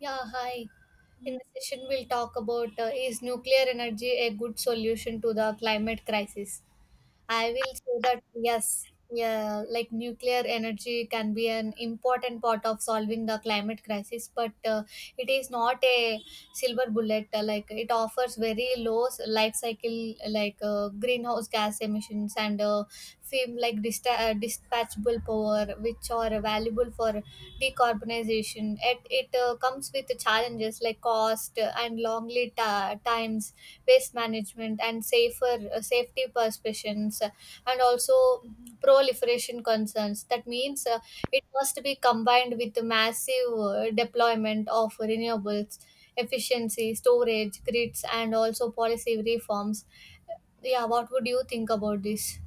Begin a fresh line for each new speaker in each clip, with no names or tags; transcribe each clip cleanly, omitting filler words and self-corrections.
Yeah, hi. In this session, we'll talk about is nuclear energy a good solution to the climate crisis? I will say that yes, yeah, like nuclear energy can be an important part of solving the climate crisis, but it is not a silver bullet. Like it offers very low life cycle, like greenhouse gas emissions and dispatchable power which are valuable for decarbonization, yet it comes with challenges like cost, and long lead times, waste management, and safer safety perceptions, and also proliferation concerns. That means, it must be combined with the massive deployment of renewables, efficiency, storage, grids, and also policy reforms. Yeah, what would you think about this?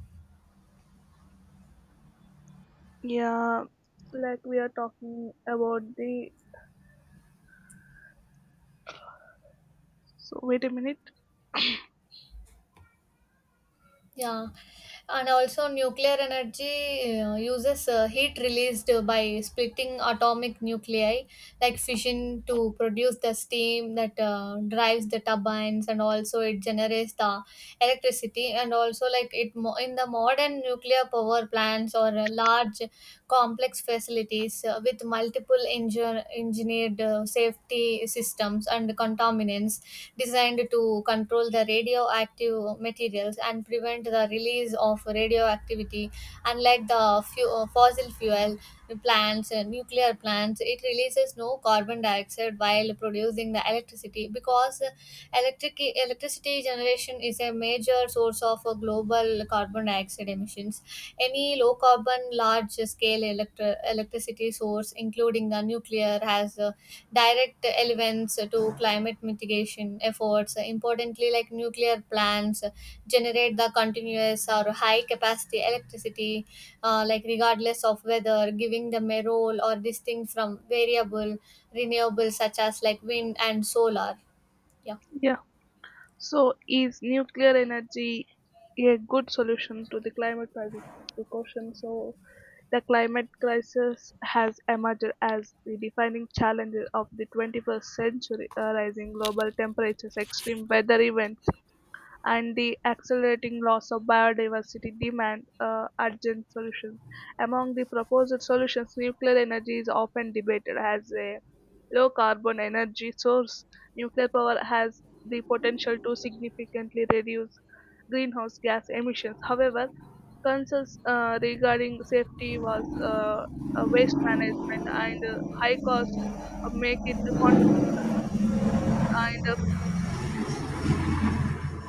Yeah, like we are talking about the. So, wait a minute.
Yeah, and also nuclear energy uses heat released by splitting atomic nuclei like fission to produce the steam that drives the turbines, and also it generates the electricity. And also, like, in the modern nuclear power plants or large complex facilities with multiple engineered safety systems and contaminants designed to control the radioactive materials and prevent the release of radioactivity. Unlike the fossil fuel plants and nuclear plants, it releases no carbon dioxide while producing the electricity, because electricity generation is a major source of global carbon dioxide emissions. Any low carbon large scale electricity source, including the nuclear, has direct elements to climate mitigation efforts. Importantly, like, nuclear plants generate the continuous or high capacity electricity like regardless of weather, giving them a role or distinct from variable renewables such as like wind and solar. Yeah.
Yeah. So, is nuclear energy a good solution to the climate crisis? Is the question. So, the climate crisis has emerged as the defining challenge of the 21st century. Rising global temperatures, extreme weather events, and the accelerating loss of biodiversity demand urgent solutions. Among the proposed solutions, nuclear energy is often debated as a low carbon energy source. Nuclear power has the potential to significantly reduce greenhouse gas emissions. However, concerns regarding safety was, waste management, and high costs make it controversial.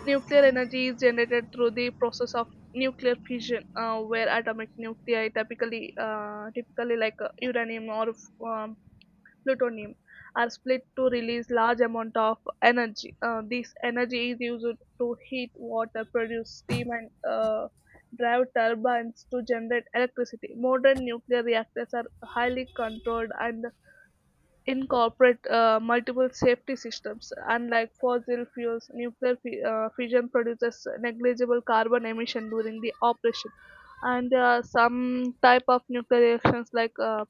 Nuclear energy is generated through the process of nuclear fission, where atomic nuclei, typically, uranium or um, plutonium, are split to release large amount of energy. This energy is used to heat water, produce steam, and drive turbines to generate electricity. Modern nuclear reactors are highly controlled and incorporate multiple safety systems. Unlike fossil fuels, nuclear fission produces negligible carbon emission during the operation. And there are some type of nuclear reactions, like uh,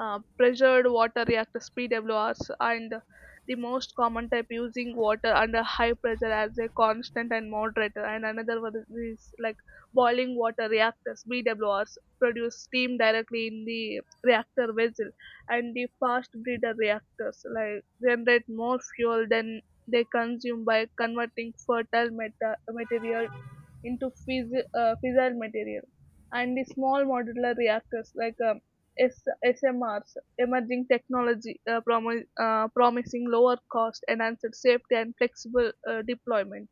uh, pressured water reactors, PWRs, and the most common type using water under high pressure as a constant and moderator, and another one is like boiling water reactors, BWRs, produce steam directly in the reactor vessel, and the fast breeder reactors like generate more fuel than they consume by converting fertile material into fissile material, and the small modular reactors, like SMRs, emerging technology, promising lower cost, enhanced safety, and flexible deployment.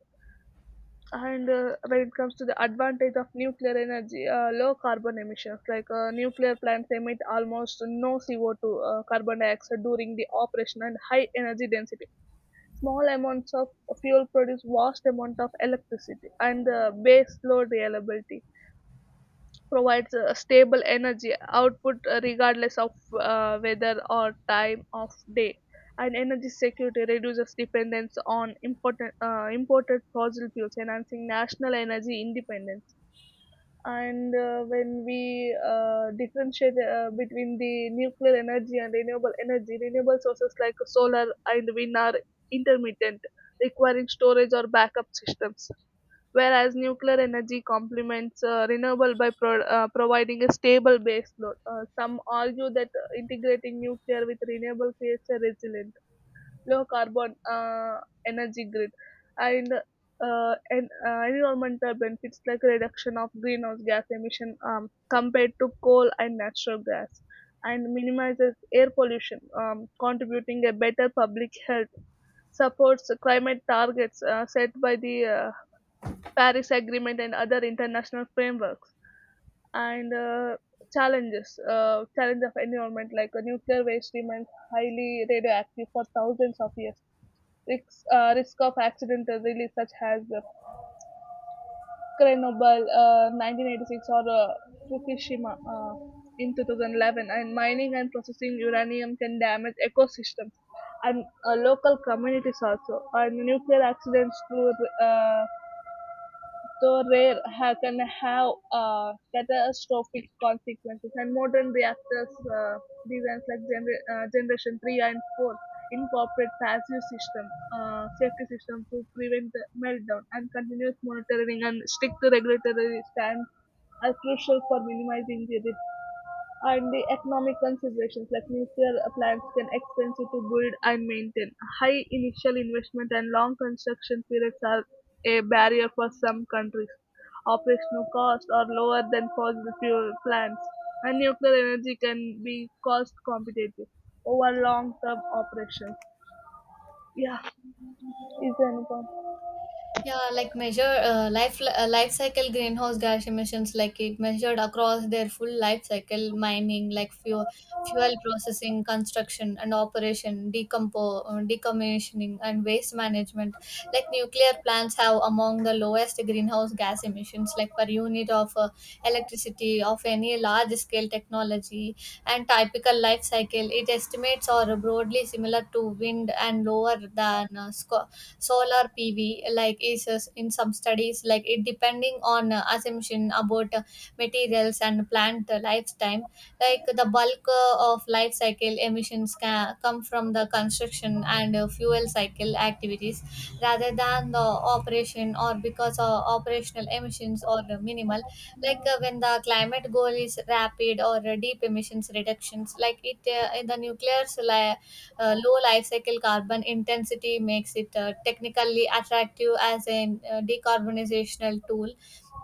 And when it comes to the advantage of nuclear energy, low carbon emissions, like nuclear plants emit almost no CO2, carbon dioxide, during the operation, and high energy density. Small amounts of fuel produce vast amount of electricity, and the base load reliability provides a stable energy output regardless of weather or time of day. And energy security reduces dependence on important, imported fossil fuels, enhancing national energy independence. And when we differentiate between the nuclear energy and renewable energy, renewable sources like solar and wind are intermittent, requiring storage or backup systems, whereas nuclear energy complements renewable by providing a stable baseload. Some argue that integrating nuclear with renewable creates a resilience low carbon energy grid, and environmental benefits like reduction of greenhouse gas emission compared to coal and natural gas, and minimizes air pollution, contributing a better public health, supports climate targets set by the Paris Agreement and other international frameworks. And challenge of environment, like nuclear waste remains highly radioactive for thousands of years. Risk of accidental release, such as Chernobyl, 1986, or Fukushima in 2011, and mining and processing uranium can damage ecosystems and local communities also. And nuclear accidents, through, uh, though rare, can have catastrophic consequences. And modern reactors, designs like generation 3 and 4, incorporate passive system, safety system to prevent the meltdown, and continuous monitoring and strict regulatory standards are crucial for minimizing the risk. And the economic considerations, like nuclear plants can expensive to build and maintain. High initial investment and long construction periods are a barrier for some countries. Operational costs are lower than fossil fuel plants, and nuclear energy can be cost competitive over long-term operations. Yeah, is there any point?
Yeah, like measure life cycle greenhouse gas emissions, like it measured across their full life cycle: mining, like fuel, fuel processing, construction and operation, decommissioning, and waste management. Like, nuclear plants have among the lowest greenhouse gas emissions, like per unit of electricity of any large scale technology. And typical life cycle, it estimates are broadly similar to wind and lower than solar PV, like is in some studies, like it depending on assumption about materials and plant lifetime. Like the bulk of life cycle emissions can come from the construction and fuel cycle activities rather than the operation, or because operational emissions are minimal. Like, when the climate goal is rapid or deep emissions reductions, like it in the nuclear low life cycle carbon intensity makes it technically attractive as a decarbonizational tool.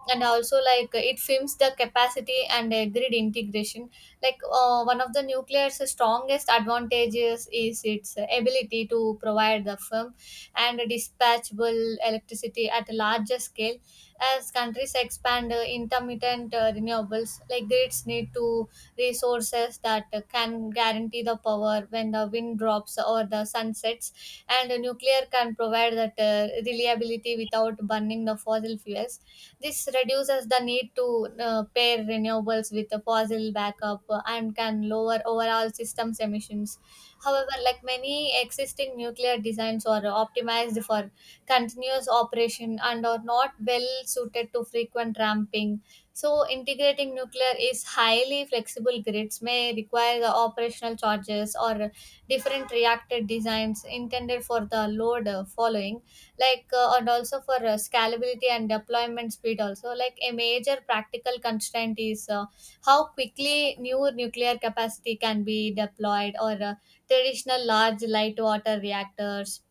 And also, like, it films the capacity and grid integration. Like, one of the nuclear's strongest advantages is its ability to provide the firm and dispatchable electricity at a larger scale. As countries expand intermittent renewables, like grids need to resources that can guarantee the power when the wind drops or the sun sets, and nuclear can provide that reliability without burning the fossil fuels. This reduces the need to pair renewables with a fossil backup, and can lower overall systems emissions. However, like, many existing nuclear designs are optimized for continuous operation and are not well suited to frequent ramping. So, integrating nuclear is highly flexible grids may require the operational charges or different reactor designs intended for the load following. Like, and also for scalability and deployment speed. Also, like, a major practical constraint is how quickly new nuclear capacity can be deployed, or traditional large light water reactors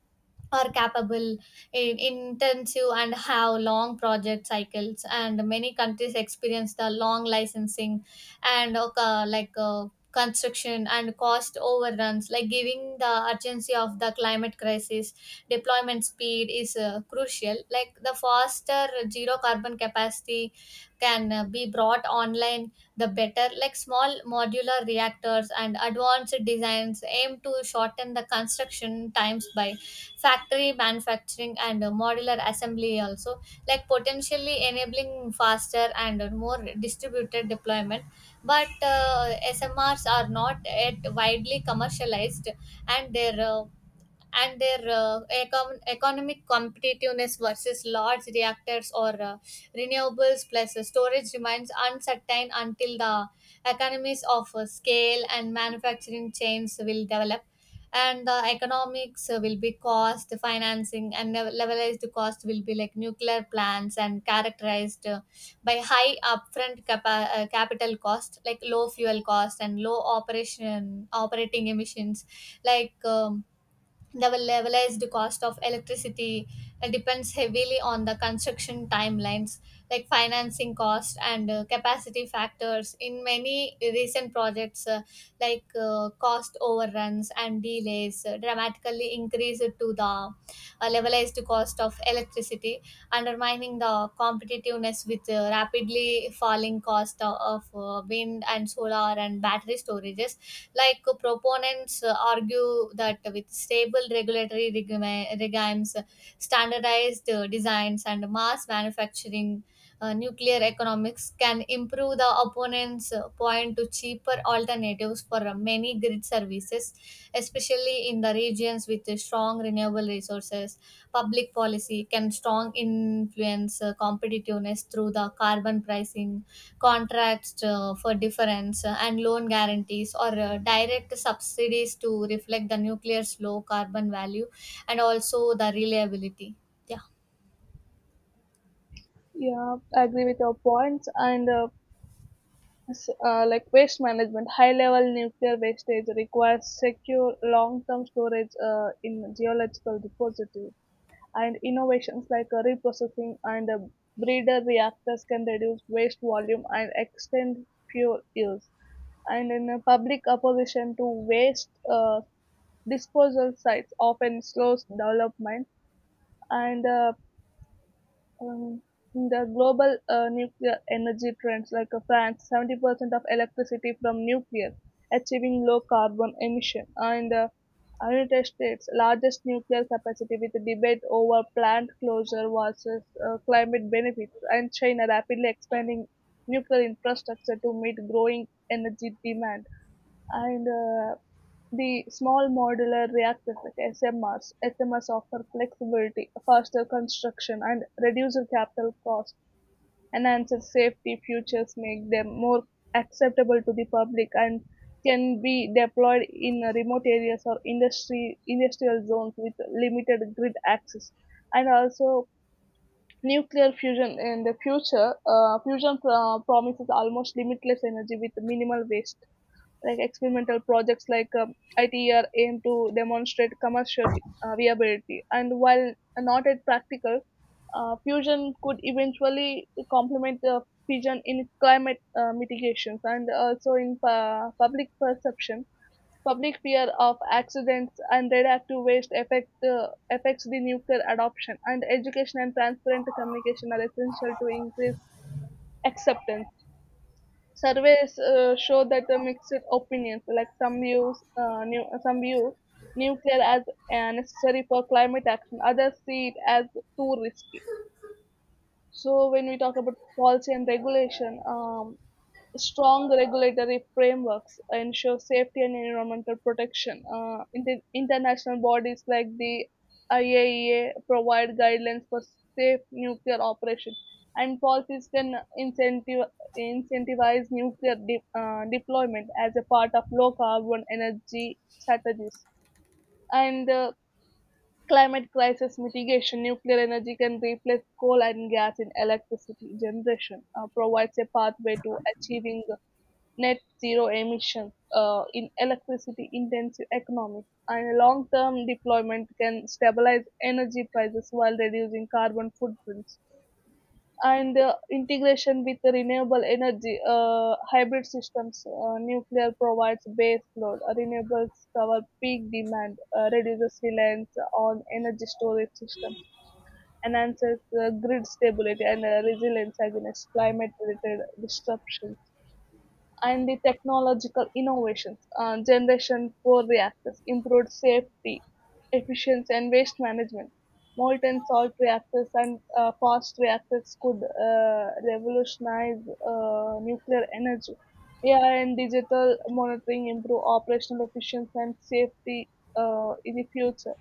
are capable in intensive and have long project cycles, and many countries experience the long licensing and construction and cost overruns. Like, giving the urgency of the climate crisis, deployment speed is crucial. Like, the faster zero carbon capacity can be brought online, the better. Like, small modular reactors and advanced designs aim to shorten the construction times by factory manufacturing and modular assembly, also like potentially enabling faster and more distributed deployment. But smrs are not yet widely commercialized, and their economic competitiveness versus large reactors or renewables plus storage remains uncertain until the economies of scale and manufacturing chains will develop. And the economics will be cost financing and levelized cost will be, like, nuclear plants and characterized by high upfront capital cost, like low fuel cost and low operation operating emissions. Like, the levelized cost of electricity depends heavily on the construction timelines, like financing cost and capacity factors. In many recent projects, cost overruns and delays dramatically increased to the levelized cost of electricity, undermining the competitiveness with rapidly falling cost of wind and solar and battery storages. Like, proponents argue that with stable regimes, standardized designs, and mass manufacturing, nuclear economics can improve. The opponents point to cheaper alternatives for many grid services, especially in the regions with strong renewable resources. Public policy can strong influence competitiveness through the carbon pricing, contracts for difference, and loan guarantees or direct subsidies to reflect the nuclear's low carbon value, and also the reliability. Yeah.
Yeah, I agree with your points and. Like waste management, high level nuclear wastage requires secure long term storage in geological repository, and innovations like reprocessing and breeder reactors can reduce waste volume and extend fuel use. And in a public opposition to waste disposal sites often slows development. And um, the global nuclear energy trends, like France, 70% of electricity from nuclear, achieving low carbon emission, and the United States' largest nuclear capacity, with debate over plant closure versus climate benefits, and China rapidly expanding nuclear infrastructure to meet growing energy demand. And the small modular reactors like SMRs. SMRs offer flexibility, faster construction, and reduced capital costs. Enhanced safety features make them more acceptable to the public, and can be deployed in remote areas or industry industrial zones with limited grid access. And also, nuclear fusion in the future. Fusion promises almost limitless energy with minimal waste, like experimental projects like ITER aim to demonstrate commercial viability. And while not yet practical, fusion could eventually complement the fission in climate mitigations, and also in public perception. Public fear of accidents and radioactive waste affects the nuclear adoption, and education and transparent communication are essential to increase acceptance. Surveys show that the mixed opinions, like some view nuclear as necessary for climate action, others see it as too risky. So when we talk about policy and regulation, strong regulatory frameworks ensure safety and environmental protection. International bodies like the IAEA provide guidelines for safe nuclear operation, and policies can incentivize nuclear deployment as a part of low carbon energy strategies. And climate crisis mitigation. Nuclear energy can replace coal and gas in electricity generation, provides a pathway to achieving net zero emissions in electricity intensive economies. And long term deployment can stabilize energy prices while reducing carbon footprints, and the integration with the renewable energy, hybrid systems, nuclear provides base load, renewables cover peak demand, reduces reliance on energy storage systems, enhances grid stability and resilience against climate related disruptions. And the technological innovations, Generation 4 reactors, improved safety, efficiency, and waste management. Molten salt reactors and fast reactors could revolutionize nuclear energy. AI and digital monitoring improve operational efficiency and safety in the future.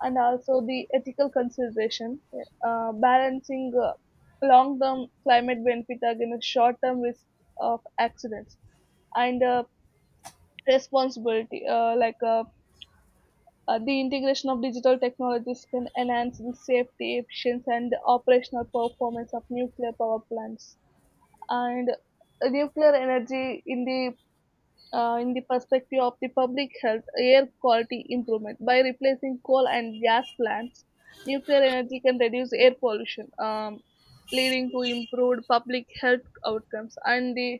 And also the ethical consideration, balancing long-term climate benefit against short-term risk of accidents, and responsibility, the integration of digital technologies can enhance the safety, efficiency, and the operational performance of nuclear power plants. And nuclear energy in the perspective of the public health, air quality improvement by replacing coal and gas plants. Nuclear energy can reduce air pollution, leading to improved public health outcomes, and the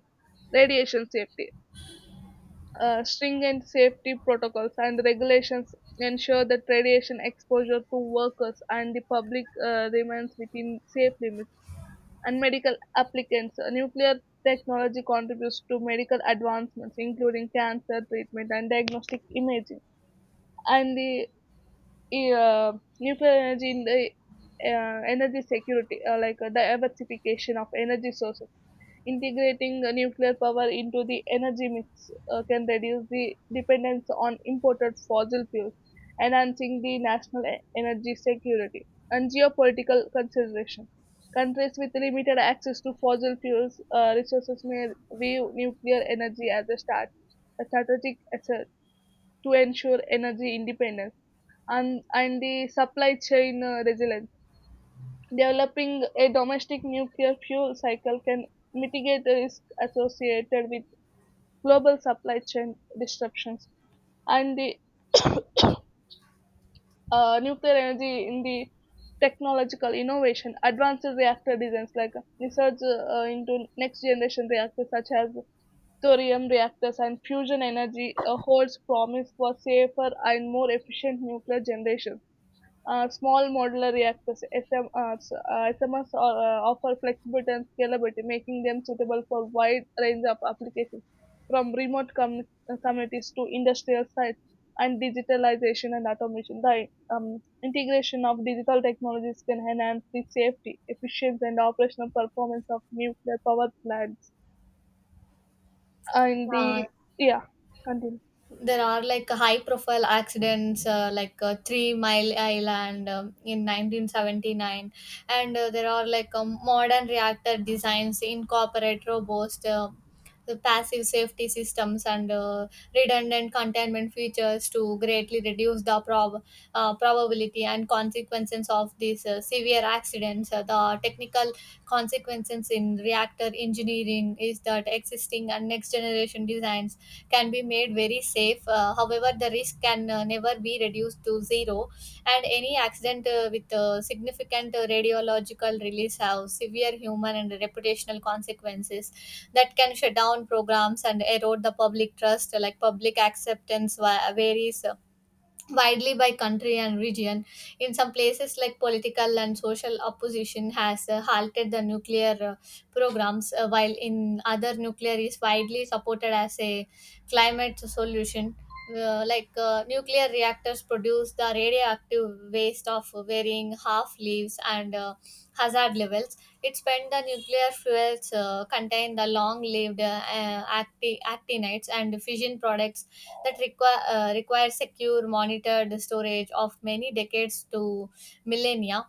radiation safety. Stringent safety protocols and regulations ensure that radiation exposure to workers and the public remains within safe limits. And medical applicants, nuclear technology contributes to medical advancements, including cancer treatment and diagnostic imaging. And the e, uh, nuclear energy in the energy security, diversification of energy sources. Integrating nuclear power into the energy mix can reduce the dependence on imported fossil fuels, enhancing the national energy security. And geopolitical consideration. Countries with limited access to fossil fuels resources may view nuclear energy as a strategic asset to ensure energy independence, and the supply chain resilience. Developing a domestic nuclear fuel cycle can mitigate the risk associated with global supply chain disruptions, and the nuclear energy in the technological innovation, advanced reactor designs, like research into next generation reactors such as thorium reactors and fusion energy holds promise for safer and more efficient nuclear generation. Small modular reactors, SMRs, are, offer flexibility and scalability, making them suitable for wide range of applications, from remote communities to industrial sites, and digitalization and automation. The integration of digital technologies can enhance the safety, efficiency, and operational performance of nuclear power plants. And
Uh,
the, yeah, continue.
there are, like, high profile accidents, three-mile island, in 1979. And there are, like, modern reactor designs incorporate robust the passive safety systems and redundant containment features to greatly reduce the probability and consequences of these severe accidents. The technical consequences in reactor engineering is that existing and next generation designs can be made very safe. However, the risk can never be reduced to zero, and any accident with significant radiological release have severe human and reputational consequences that can shut down programs and erode the public trust. Like, public acceptance varies widely by country and region. In some places, like, political and social opposition has halted the nuclear programs, while in other, nuclear is widely supported as a climate solution. Nuclear reactors produce the radioactive waste of varying half leaves and hazard levels. It spent the nuclear fuels contain the long-lived actinides and fission products that requires secure, monitored storage of many decades to millennia.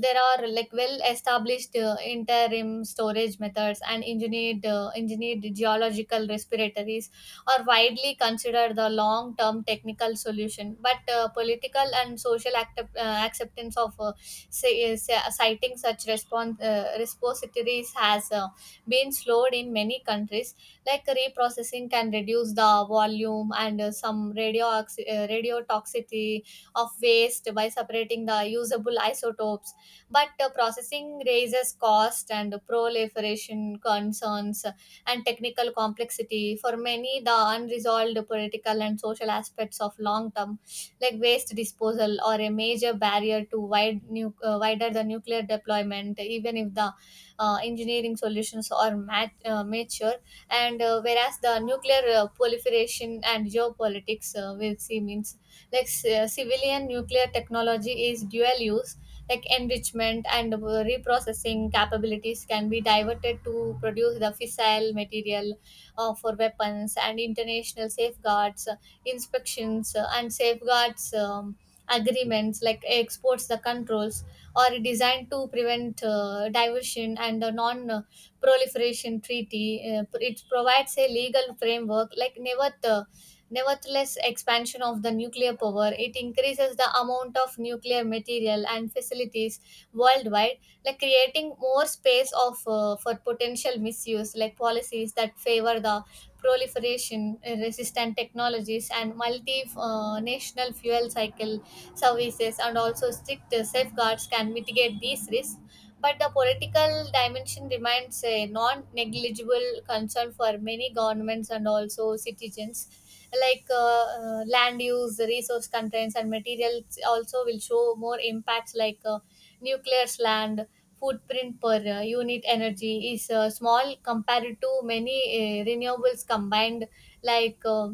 There are, like, well-established interim storage methods and engineered geological respiratories are widely considered the long-term technical solution. But political and social acceptance of citing such response repositories has been slowed in many countries. Like, reprocessing can reduce the volume and some radiotoxicity of waste by separating the usable isotopes. But processing raises cost and proliferation concerns and technical complexity. For many, the unresolved political and social aspects of long term, like, waste disposal are a major barrier to wider the nuclear deployment, even if the engineering solutions are mature. And whereas the nuclear proliferation and geopolitics will see means, like, civilian nuclear technology is dual use. Like, enrichment and reprocessing capabilities can be diverted to produce the fissile material for weapons, and international safeguards, inspections, and safeguards, agreements like exports the controls, or designed to prevent diversion, and the non proliferation treaty. It provides a legal framework. Like, nevertheless, expansion of the nuclear power, it increases the amount of nuclear material and facilities worldwide, like creating more space of for potential misuse. Like, policies that favor the proliferation resistant technologies and multi national fuel cycle services and also strict safeguards can mitigate these risks, but the political dimension remains a non negligible concern for many governments and also citizens. Like, land use, resource constraints, and materials also will show more impacts. Like, nuclear land footprint per unit energy is small compared to many renewables combined, like.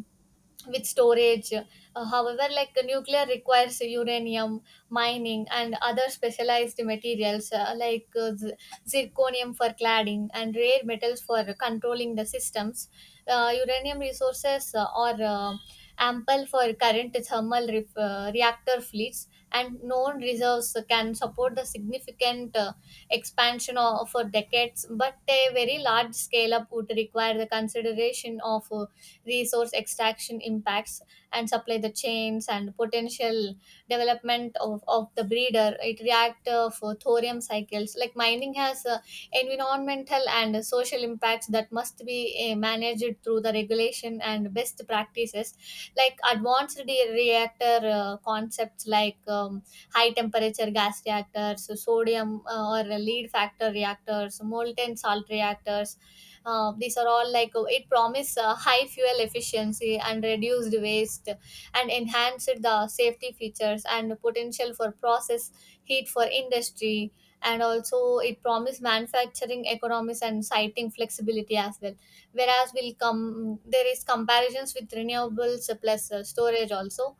With storage. However, like, nuclear requires uranium mining and other specialized materials, like zirconium for cladding and rare metals for controlling the systems. Uranium resources are ample for current thermal reactor fleets. And known reserves can support the significant expansion of, for decades, but a very large scale up would require the consideration of resource extraction impacts and supply the chains and potential development of the breeder it react for thorium cycles. Like, mining has environmental and social impacts that must be managed through the regulation and best practices. Like, reactor concepts like, high temperature gas reactors, sodium or lead factor reactors, molten salt reactors, these are all, like, it promise high fuel efficiency and reduced waste and enhanced the safety features and the potential for process heat for industry, and also it promised manufacturing economies and siting flexibility as well. Whereas will come there is comparisons with renewables plus storage also.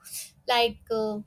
Like,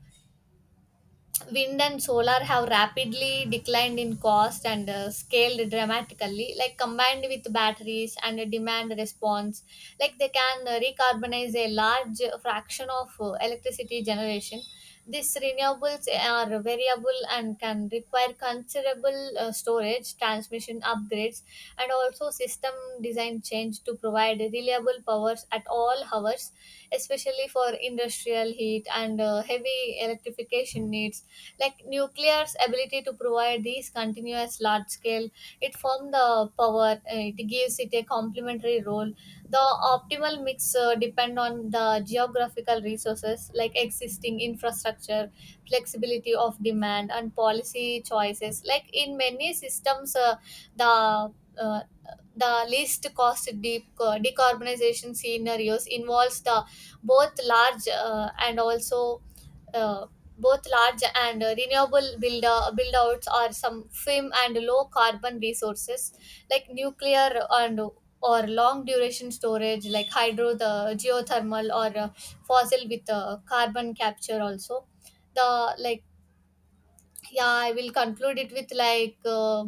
wind and solar have rapidly declined in cost and scaled dramatically. Like, combined with batteries and a demand response, like they can recarbonize a large fraction of electricity generation. These renewables are variable and can require considerable storage transmission upgrades and also system design change to provide reliable powers at all hours, especially for industrial heat and heavy electrification needs. Like, nuclear's ability to provide these continuous large scale, it forms the power, it gives it a complementary role. The optimal mix depend on the geographical resources, like existing infrastructure, flexibility of demand and policy choices. Like, in many systems, the uh, the least cost deep decarbonization scenarios involves the both large uh, and also uh, both large and renewable build outs are some firm and low carbon resources like nuclear and or long duration storage like hydro the geothermal or fossil with carbon capture also the like. Yeah, I will conclude it with, like,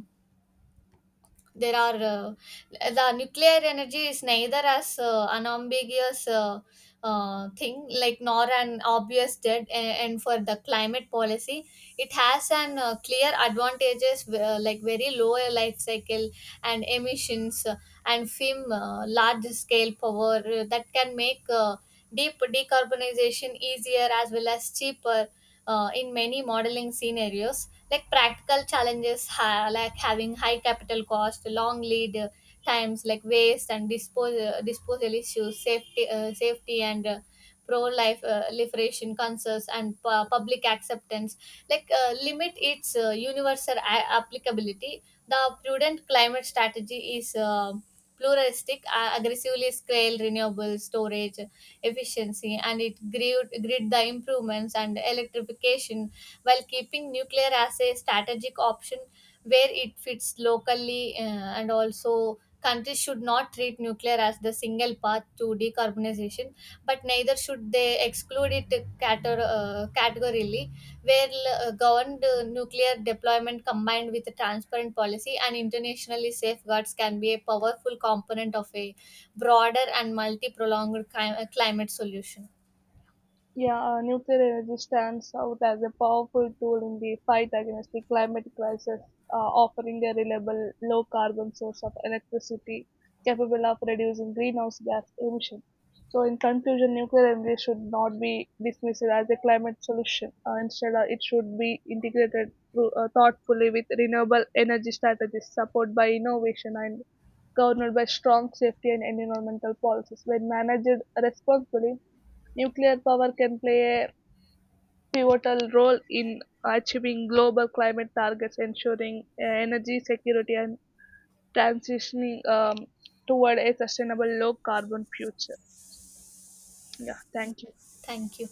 there are uh, the nuclear energy is neither as an ambiguous thing, like, nor an obvious dead and for the climate policy. It has an clear advantages, like very low life cycle and emissions, and film large scale power that can make deep decarbonization easier as well as cheaper in many modeling scenarios. Like, practical challenges, like having high capital cost, long lead times, like waste and disposal issues, safety, and pro life liberation concerns, and public acceptance, like limit its universal applicability. The prudent climate strategy is pluralistic: aggressively scale renewable storage efficiency and it grid the improvements and electrification, while keeping nuclear as a strategic option where it fits locally, and also, countries should not treat nuclear as the single path to decarbonization, but neither should they exclude it categorically, where governed nuclear deployment combined with a transparent policy and internationally safeguards can be a powerful component of a broader and multi-prolonged climate solution.
Yeah, nuclear energy stands out as a powerful tool in the fight against the climate crisis, offering a reliable, low carbon source of electricity capable of reducing greenhouse gas emission. So, in conclusion, nuclear energy should not be dismissed as a climate solution. Instead, it should be integrated through, thoughtfully with renewable energy strategies, supported by innovation, and governed by strong safety and environmental policies. When managed responsibly, nuclear power can play a pivotal role in achieving global climate targets, ensuring energy security and transitioning toward a sustainable low carbon future. Yeah,
Yeah.
thank you.
Thank you.